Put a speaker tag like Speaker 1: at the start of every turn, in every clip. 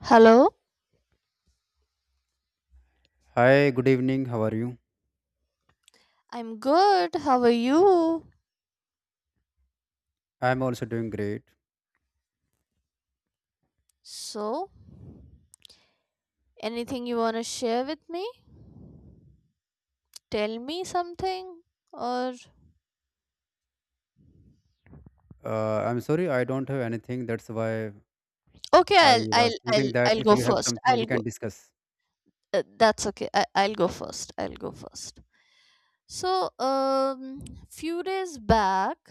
Speaker 1: Hello?
Speaker 2: Hi, good evening. How are you?
Speaker 1: I'm good. How are you?
Speaker 2: I'm also doing great.
Speaker 1: So, anything you want to share with me? Tell me something or
Speaker 2: I'm sorry, I don't have anything. That's why
Speaker 1: Okay,
Speaker 2: I
Speaker 1: I'll I'll
Speaker 2: was
Speaker 1: I'll
Speaker 2: thinking that
Speaker 1: I'll
Speaker 2: if
Speaker 1: go
Speaker 2: you have
Speaker 1: first.
Speaker 2: something, we
Speaker 1: I'll go.
Speaker 2: can discuss.
Speaker 1: That's okay. I'll go first. I'll go first. So, few days back,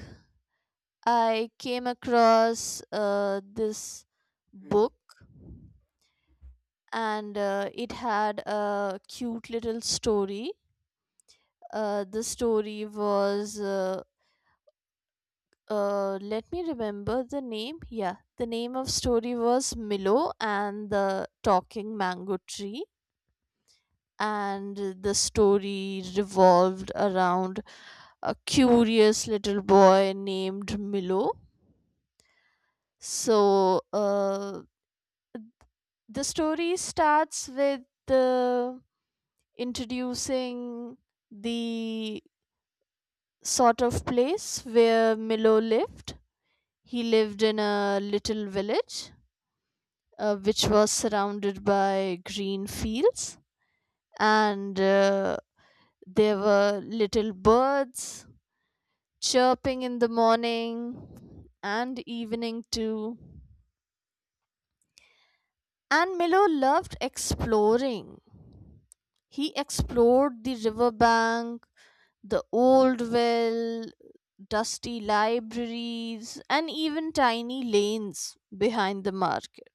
Speaker 1: I came across this book, and it had a cute little story. The story was, let me remember the name. Yeah, the name of story was Milo and the Talking Mango Tree. And the story revolved around a curious little boy named Milo. So, the story starts with the introducing the sort of place where Milo lived. He lived in a little village, which was surrounded by green fields, and there were little birds chirping in the morning and evening too. And Milo loved exploring. He explored the riverbank, the old well, dusty libraries, and even tiny lanes behind the market.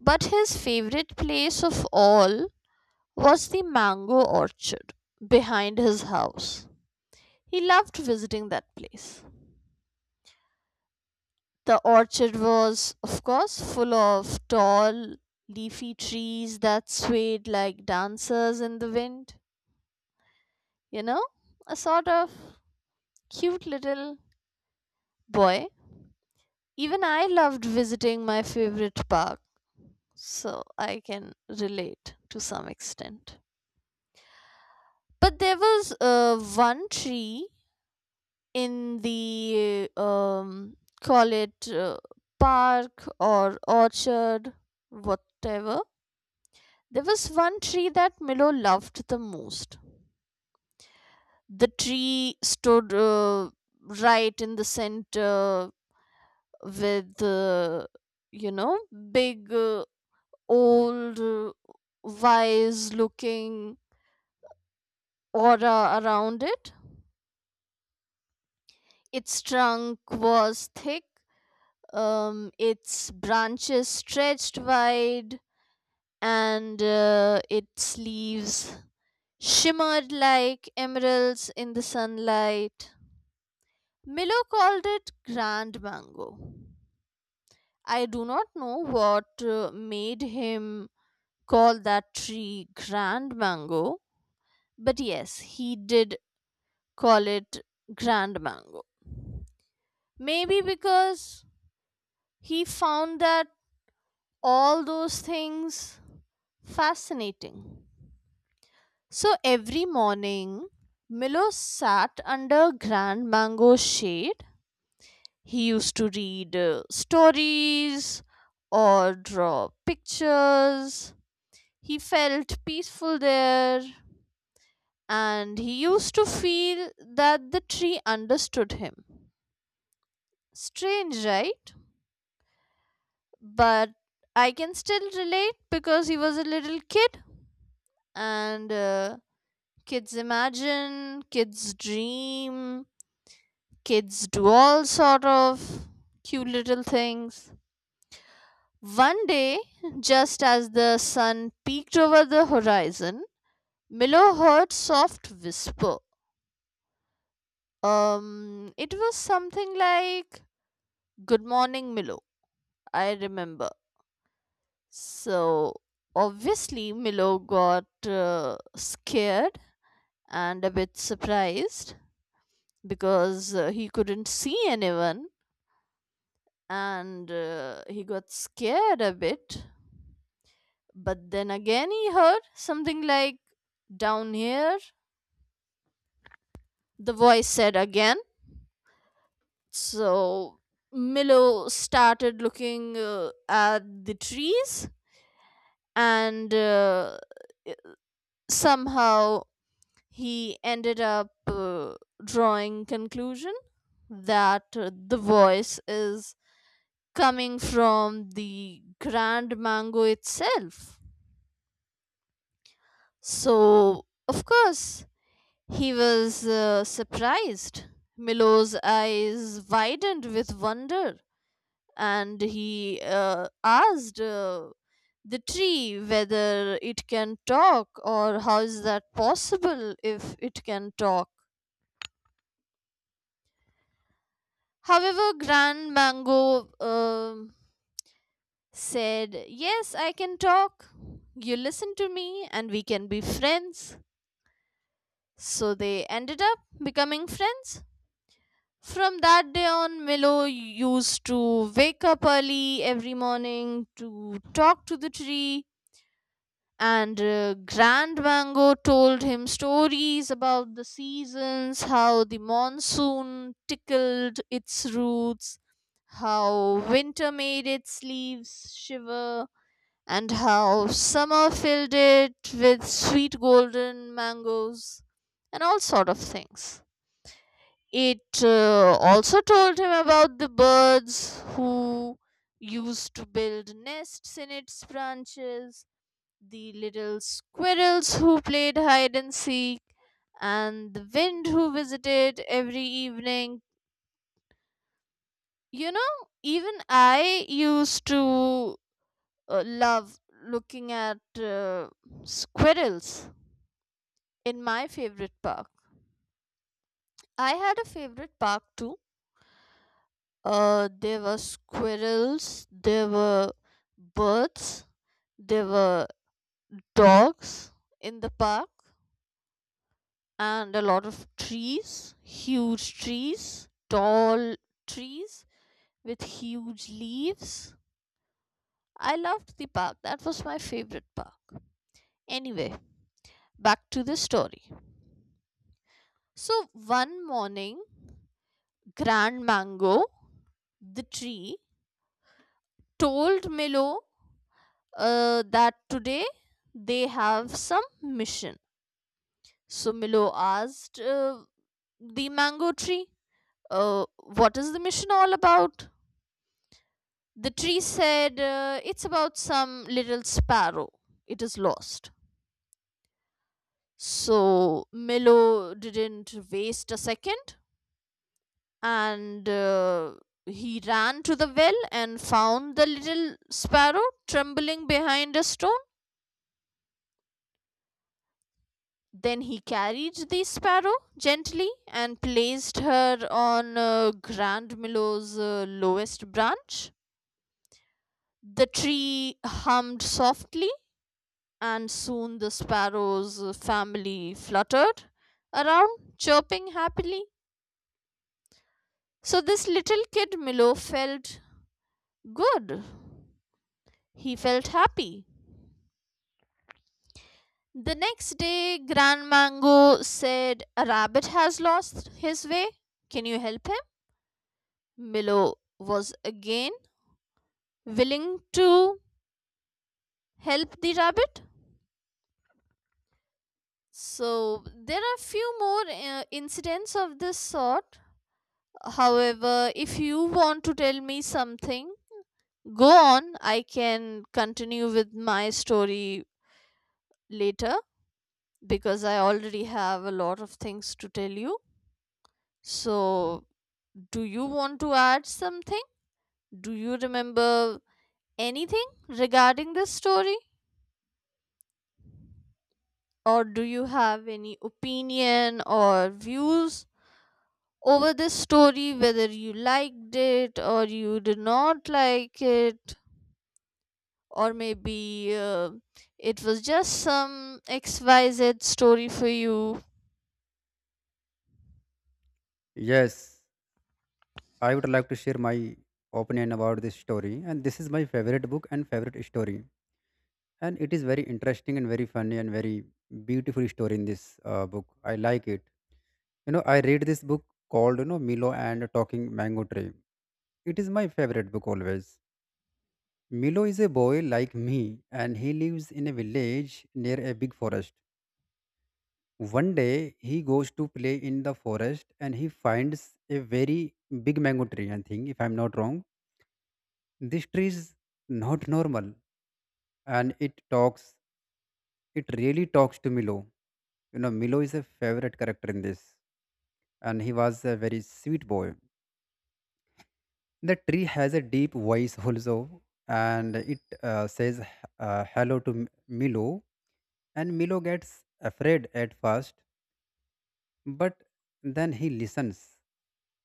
Speaker 1: But his favorite place of all was the mango orchard behind his house. He loved visiting that place. The orchard was, of course, full of tall, leafy trees that swayed like dancers in the wind. You know, a sort of cute little boy. Even I loved visiting my favorite park, so I can relate to some extent. But there was, one tree in the, call it, park or orchard, whatever. There was one tree that Milo loved the most. The tree stood, right in the center, with, you know, big, old, wise looking aura around it. Its trunk was thick, its branches stretched wide, and its leaves shimmered like emeralds in the sunlight. Milo called it Grand Mango. I do not know what made him call that tree Grand Mango, but yes, he did call it Grand Mango. Maybe because he found that all those things fascinating. So every morning, Milo sat under Grand Mango's shade. He used to read stories or draw pictures. He felt peaceful there, and he used to feel that the tree understood him. Strange, right? But I can still relate, because he was a little kid, and, kids imagine, kids dream. Kids do all sort of cute little things. One day, just as the sun peeked over the horizon, Milo heard soft whisper. It was something like, "Good morning, Milo." I remember. So obviously, Milo got, scared and a bit surprised, because he couldn't see anyone, and he got scared a bit. But then again, he heard something like, "Down here," the voice said again. So Milo started looking at the trees, and somehow he ended up drawing conclusion that, the voice is coming from the Grand Mango itself. So, of course, he was surprised. Milo's eyes widened with wonder, and he asked, the tree whether it can talk, or how is that possible if it can talk. However, Grand Mango said, "Yes, I can talk. You listen to me and we can be friends." So they ended up becoming friends. From that day on, Milo used to wake up early every morning to talk to the tree, and Grand Mango told him stories about the seasons, how the monsoon tickled its roots, how winter made its leaves shiver, and how summer filled it with sweet golden mangoes, and all sort of things. It also told him about the birds who used to build nests in its branches, the little squirrels who played hide and seek, and the wind who visited every evening. You know, even I used to, love looking at squirrels in my favorite park. I had a favorite park too. There were squirrels, there were birds, there were dogs in the park, and a lot of trees, huge trees, tall trees with huge leaves. I loved the park. That was my favorite park. Anyway, back to the story. So, one morning, Grand Mango, the tree, told Milo, that today they have some mission. So Milo asked, the mango tree, "What is the mission all about?" The tree said, "It's about some little sparrow. It is lost." So Milo didn't waste a second, and he ran to the well and found the little sparrow trembling behind a stone. Then he carried the sparrow gently and placed her on, Grand Milo's, lowest branch. The tree hummed softly, and soon the sparrow's, family fluttered around, chirping happily. So, this little kid Milo felt good. He felt happy. The next day, Grand Mango said, "A rabbit has lost his way. Can you help him?" Milo was again willing to help the rabbit. So there are few more incidents of this sort. However, if you want to tell me something, go on. I can continue with my story later, because I already have a lot of things to tell you. So, do you want to add something? Do you remember anything regarding this story? Or do you have any opinion or views over the story, whether you liked it or you did not like it, or maybe, it was just some XYZ story for you.
Speaker 2: Yes, I would like to share my opinion about this story. And this is my favorite book and favorite story. And it is very interesting and very funny and very beautiful story in this book. I like it. You know, I read this book called, you know, Milo and Talking Mango Tree. It is my favorite book always. Milo is a boy like me and he lives in a village near a big forest. One day he goes to play in the forest and he finds a very big mango tree, I think, if I'm not wrong. This tree is not normal and it talks, it really talks to Milo. You know, Milo is a favorite character in this and he was a very sweet boy. The tree has a deep voice also and it says hello to Milo. And Milo gets afraid at first, but then he listens,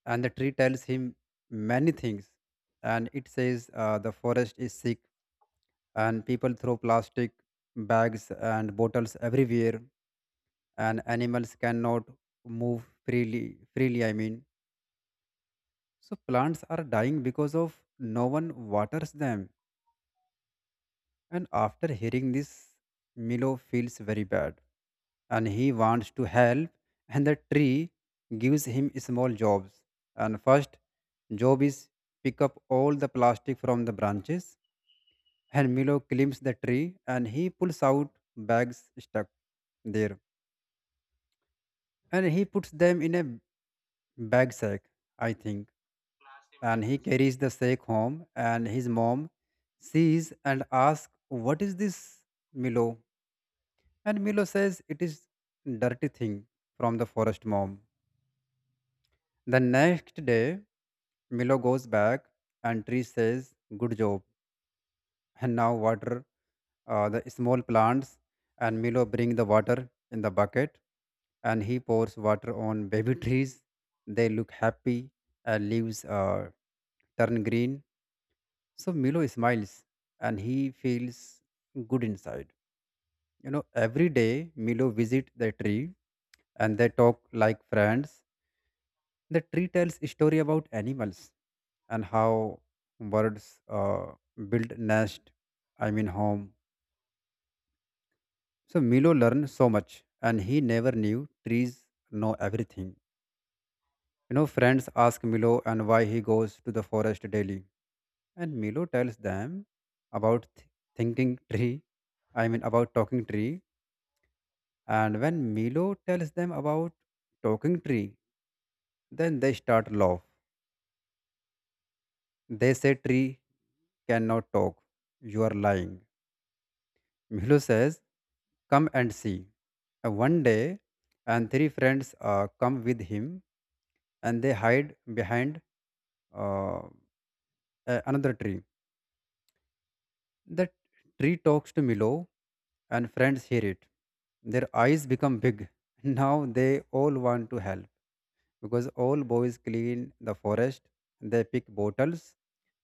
Speaker 2: and the tree tells him many things. And it says, the forest is sick, and people throw plastic bags and bottles everywhere, and animals cannot move freely. Freely, I mean. So plants are dying because of no one waters them. And after hearing this, Milo feels very bad and he wants to help, and the tree gives him small jobs. And first job is pick up all the plastic from the branches, and Milo climbs the tree and he pulls out bags stuck there and he puts them in a bag sack, I think. And he carries the sack home and his mom sees and asks, "What is this, Milo?" And Milo says it is dirty thing from the forest, mom. The next day, Milo goes back and tree says, good job. And now water the small plants, and Milo bring the water in the bucket and he pours water on baby trees. They look happy and leaves turn green. So Milo smiles and he feels good inside. You know, every day Milo visit the tree and they talk like friends. The tree tells story about animals and how birds build nest. I mean home. So Milo learned so much, and he never knew trees know everything. You know, friends ask Milo and why he goes to the forest daily, and Milo tells them about thinking tree. I mean about talking tree. And when Milo tells them about talking tree, then they start laugh. They say tree cannot talk. You are lying. Milo says, come and see. One day, and three friends come with him and they hide behind uh, another tree. The tree talks to Milo and friends hear it. Their eyes become big. Now they all want to help, because all boys clean the forest, they pick bottles,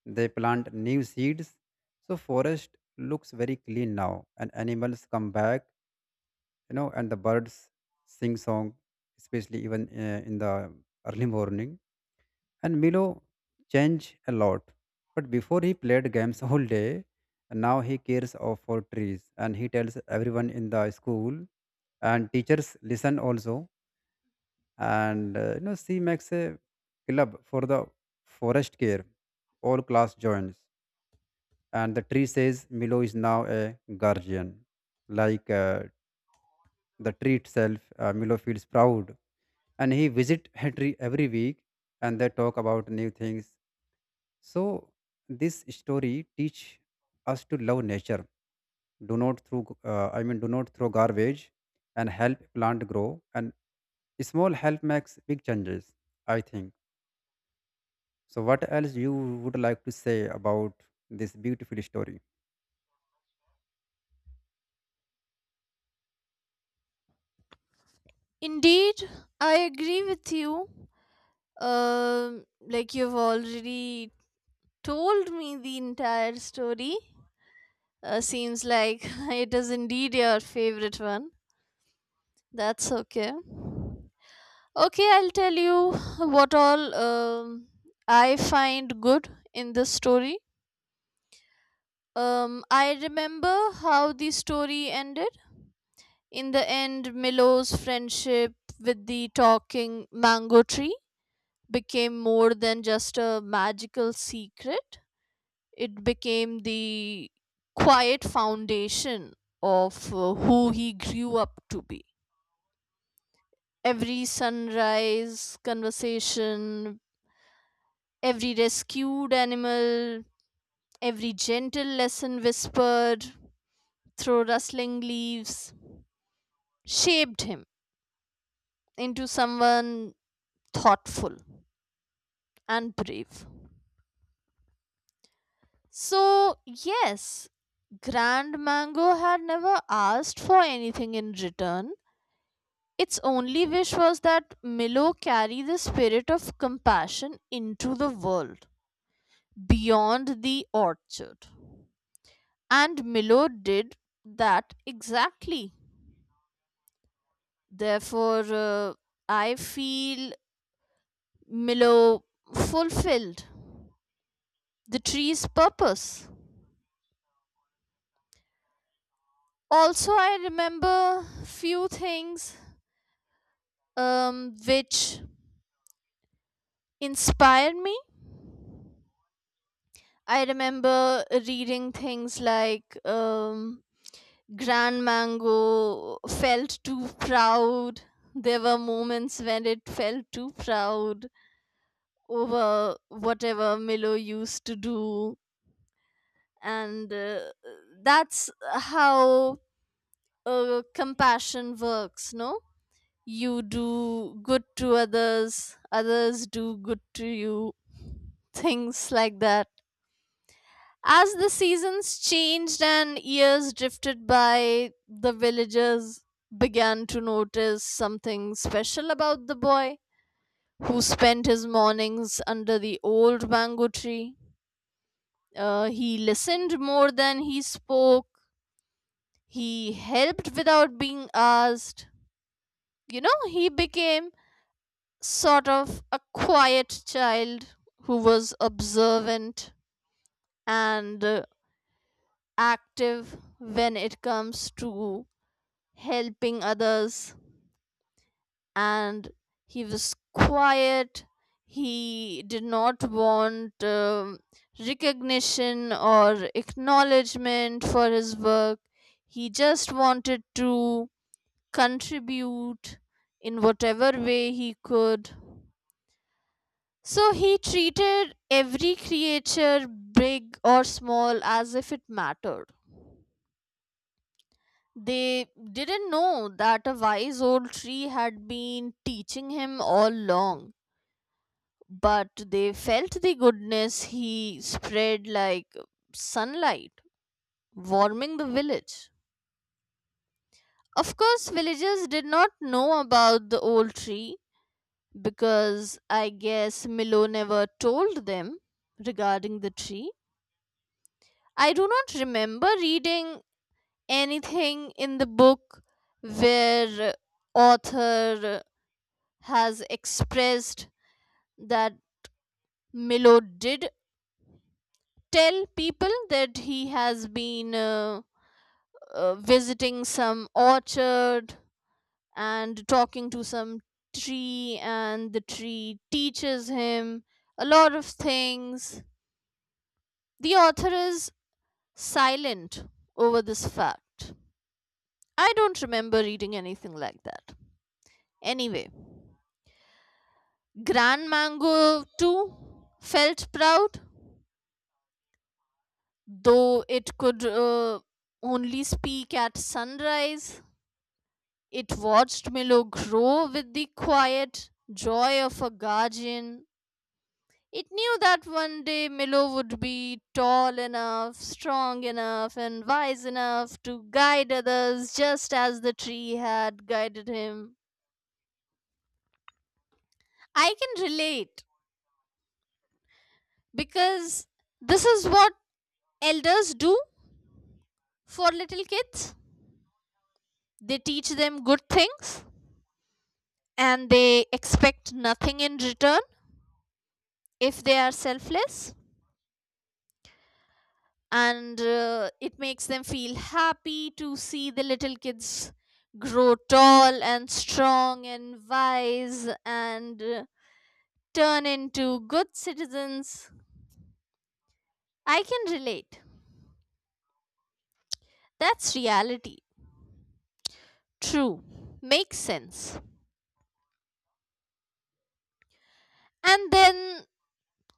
Speaker 2: they plant new seeds. So forest looks very clean now, and animals come back, you know, and the birds sing song, especially even in the early morning. And Milo changed a lot, but before he played games all day. And now he cares of for trees, and he tells everyone in the school, and teachers listen also, and you know, she makes a club for the forest care. All class joins, and the tree says Milo is now a guardian like the tree itself. Milo feels proud and he visit her tree every week and they talk about new things. So this story teach us to love nature, do not throw I mean do not throw garbage, and help plant grow, and small help makes big changes, I think. So, what else you would like to say about this beautiful story?
Speaker 1: Indeed, I agree with you. Like you've already told me the entire story. Seems like it is indeed your favorite one. That's okay. Okay, I'll tell you what all, I find good in this story. I remember how the story ended. In the end, Milo's friendship with the talking mango tree became more than just a magical secret. It became the quiet foundation of, who he grew up to be. Every sunrise conversation, every rescued animal, every gentle lesson whispered through rustling leaves shaped him into someone thoughtful and brave. So, yes, Grand Mango had never asked for anything in return. Its only wish was that Milo carry the spirit of compassion into the world beyond the orchard. And Milo did that exactly. Therefore, I feel Milo fulfilled the tree's purpose. Also, I remember few things, which inspired me. I remember reading things like, Grand Mango felt too proud. There were moments when it felt too proud over whatever Milo used to do. And that's how, compassion works, no? You do good to others, others do good to you, things like that. As the seasons changed and years drifted by, the villagers began to notice something special about the boy who spent his mornings under the old mango tree. He listened more than he spoke, he helped without being asked. You know, he became sort of a quiet child who was observant and, active when it comes to helping others. And he was quiet, he did not want, recognition or acknowledgement for his work. He just wanted to contribute in whatever way he could. So he treated every creature, big or small, as if it mattered. They didn't know that a wise old tree had been teaching him all along, but they felt the goodness he spread like sunlight, warming the village. Of course, villagers did not know about the old tree, because I guess Milo never told them regarding the tree. I do not remember reading anything in the book where author has expressed that Milo did tell people that he has been, visiting some orchard and talking to some tree, and the tree teaches him a lot of things. The author is silent over this fact. I don't remember reading anything like that. Anyway, Grand Mango too felt proud, though it could, only speak at sunrise. It watched Milo grow with the quiet joy of a guardian. It knew that one day Milo would be tall enough, strong enough, and wise enough to guide others just as the tree had guided him. I can relate, because this is what elders do for little kids. They teach them good things and they expect nothing in return if they are selfless. And it makes them feel happy to see the little kids grow tall and strong and wise, and turn into good citizens. I can relate. That's reality. True. Makes sense. And then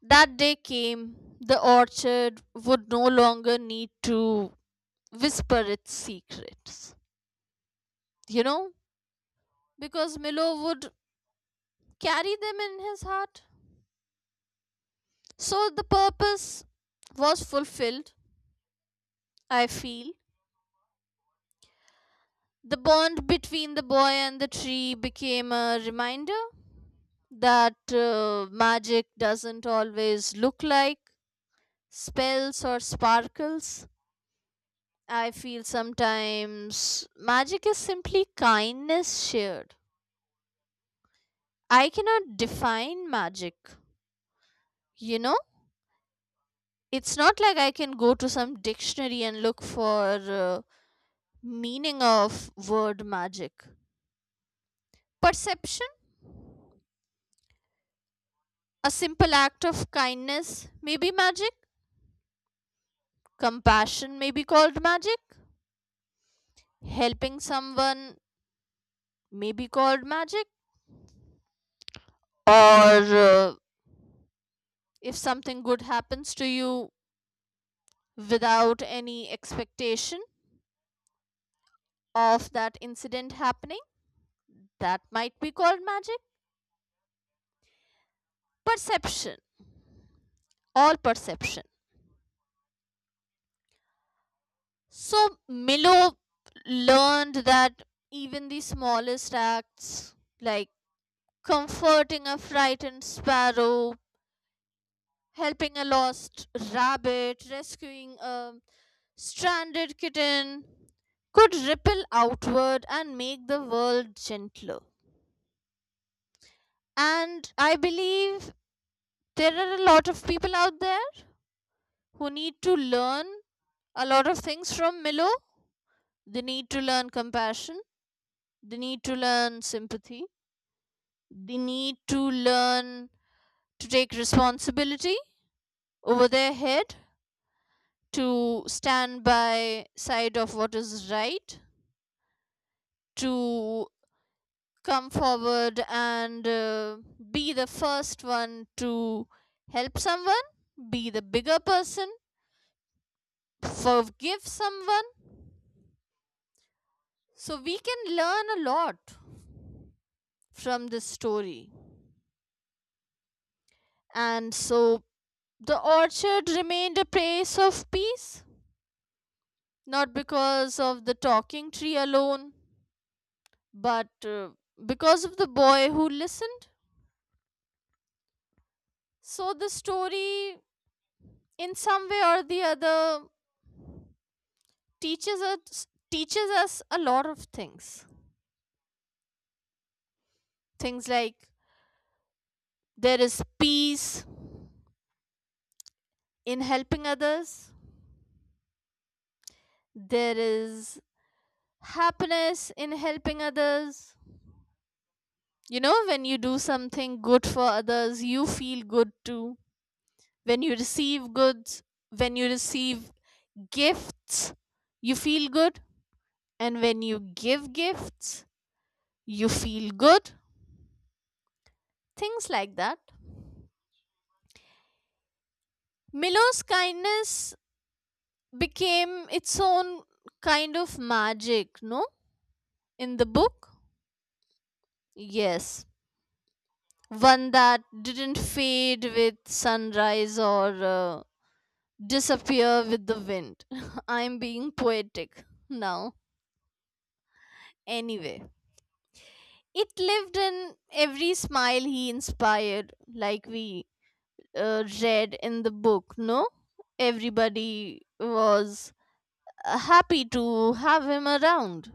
Speaker 1: that day came, the orchard would no longer need to whisper its secrets, you know, because Milo would carry them in his heart. So the purpose was fulfilled, I feel. The bond between the boy and the tree became a reminder that, magic doesn't always look like spells or sparkles. I feel sometimes magic is simply kindness shared. I cannot define magic. You know, it's not like I can go to some dictionary and look for, meaning of word magic. Perception, a simple act of kindness, may be magic. Compassion may be called magic. Helping someone may be called magic. Or, if something good happens to you without any expectation of that incident happening, that might be called magic. Perception, all perception. So Milo learned that even the smallest acts, like comforting a frightened sparrow, helping a lost rabbit, rescuing a stranded kitten, could ripple outward and make the world gentler. And I believe there are a lot of people out there who need to learn a lot of things from Milo. They need to learn compassion, they need to learn sympathy, they need to learn to take responsibility over their head, to stand by side of what is right, to come forward and, be the first one to help someone, be the bigger person, forgive someone. So we can learn a lot from this story. And so the orchard remained a place of peace, not because of the talking tree alone, but, because of the boy who listened. So the story, in some way or the other, teaches us a lot of things, things like there is peace in helping others, there is happiness in helping others. You know, when you do something good for others, you feel good too. When you receive goods, when you receive gifts, you feel good. And when you give gifts, you feel good? Things like that. Milo's kindness became its own kind of magic, no? In the book? Yes. One that didn't fade with sunrise, or, disappear with the wind. I'm being poetic now. Anyway, it lived in every smile he inspired, like we, read in the book, no? Everybody was, happy to have him around.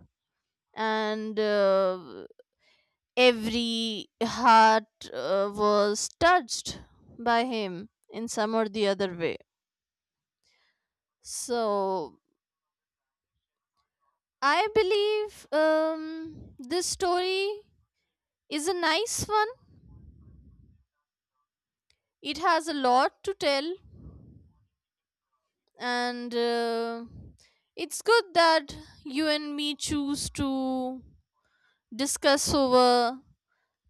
Speaker 1: And every heart, was touched by him in some or the other way. So I believe, this story is a nice one. It has a lot to tell, and it's good that you and me choose to discuss over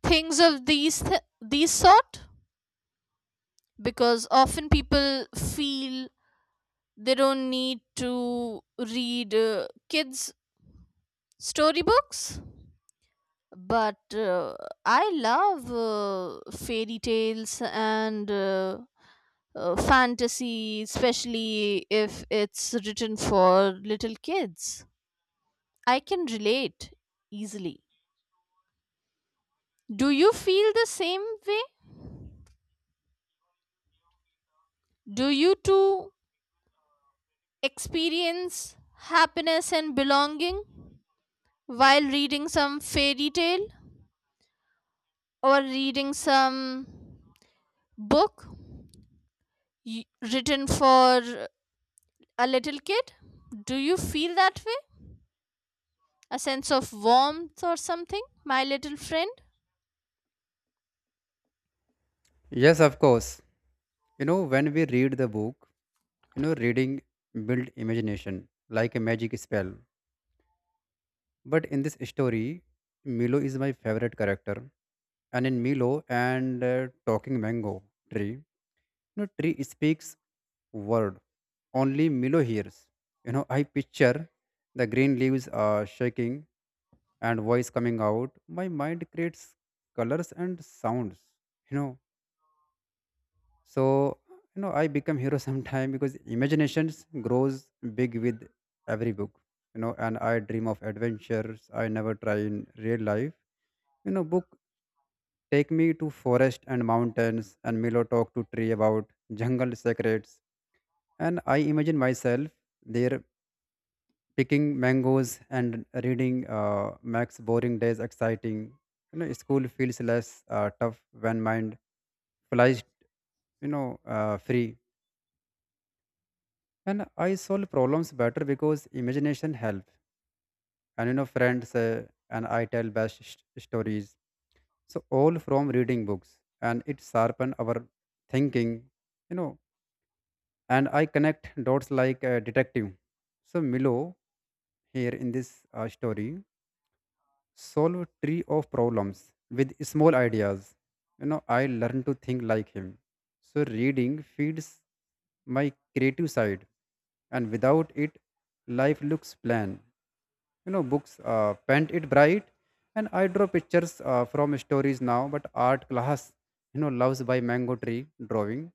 Speaker 1: things of these sort, because often people feel they don't need to read, kids storybooks. But, I love, fairy tales, and, fantasy, especially if it's written for little kids. I can relate easily. Do you feel the same way? Do you too experience happiness and belonging while reading some fairy tale or reading some book, y- written for a little kid? Do you feel that way? A sense of warmth or something, my little friend?
Speaker 2: Yes, of course. You know, when we read the book, you know, reading build imagination like a magic spell. But in this story, Milo is my favorite character, and in Milo and Talking Mango Tree, you know, tree speaks word. Only Milo hears. You know, I picture the green leaves are shaking and voice coming out. My mind creates colors and sounds. You know, so you know I become hero sometime because imaginations grows big with every book. You know, and I dream of adventures I never try in real life. You know, book take me to forest and mountains, and Milo talk to tree about jungle secrets, and I imagine myself there picking mangoes, and reading makes boring days exciting. You know, school feels less tough when mind flies, you know, free, and I solve problems better because imagination help. And you know, friends and I tell best stories, so all from reading books. And it sharpen our thinking. You know, and I connect dots like a detective. So Milo here in this story solve a tree of problems with small ideas. You know, I learn to think like him. So reading feeds my creative side, and without it, life looks plain. You know, books paint it bright, and I draw pictures from stories now. But art class, you know, loves by mango tree drawing.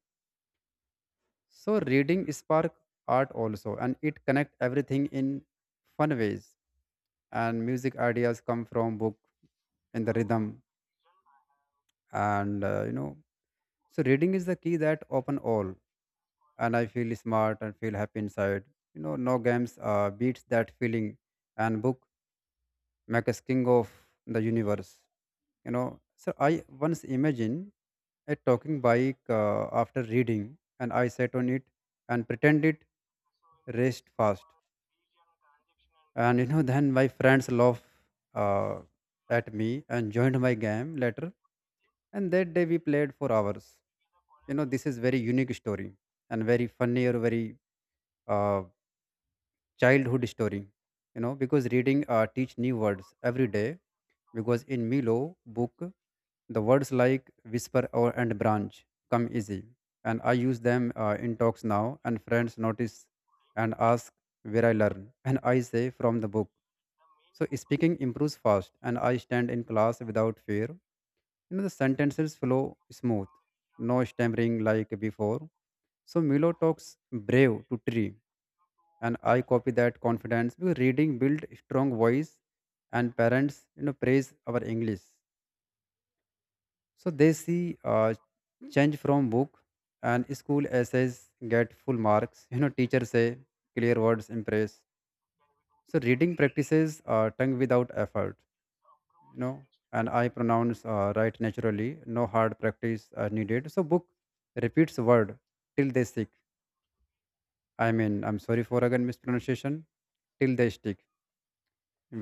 Speaker 2: So reading spark art also, and it connect everything in fun ways. And music ideas come from book and the rhythm and you know. So reading is the key that open all, and I feel smart and feel happy inside. You know, no games beats that feeling, and book make us king of the universe. You know, so I once imagined a talking bike after reading, and I sat on it and pretended raced fast. And you know, then my friends laughed uh, at me and joined my game later. And that day we played for hours. You know, this is very unique story, and very funny or very uh, childhood story. You know, because reading teach new words every day. Because in Milo book, the words like whisper or and branch come easy, and I use them in talks now. And friends notice and ask where I learn, and I say from the book. So speaking improves fast, and I stand in class without fear. You know, the sentences flow smooth, no stammering like before. So Milo talks brave to tree, and I copy that confidence because reading build strong voice, and parents, you know, praise our English. So they see change from book, and school essays get full marks. You know, teachers say clear words impress. So reading practices tongue without effort. You know, and I pronounce right naturally, no hard practice are needed. So book repeats word till they stick. I mean, I'm sorry for again mispronunciation. Till they stick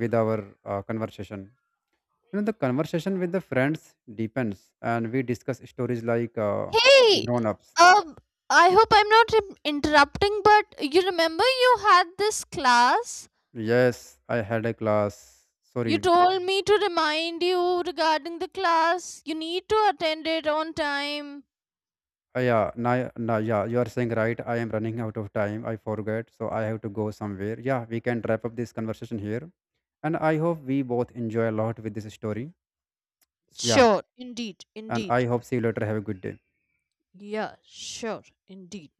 Speaker 2: with our conversation. You know, the conversation with the friends deepens, and we discuss stories like
Speaker 1: Hey,
Speaker 2: grown-ups.
Speaker 1: um, I hope I'm not interrupting, but you remember you had this class?
Speaker 2: Yes, I had a class,
Speaker 1: You
Speaker 2: sorry.
Speaker 1: told me to remind you regarding the class. You need to attend it on time.
Speaker 2: Yeah, na, na, yeah, you are saying right. I am running out of time. I forget, so I have to go somewhere. Yeah, we can wrap up this conversation here. And I hope we both enjoy a lot with this story. So, yeah.
Speaker 1: Sure, indeed,
Speaker 2: And I
Speaker 1: indeed.
Speaker 2: hope see you later. Have a good day.
Speaker 1: Yeah, sure, indeed.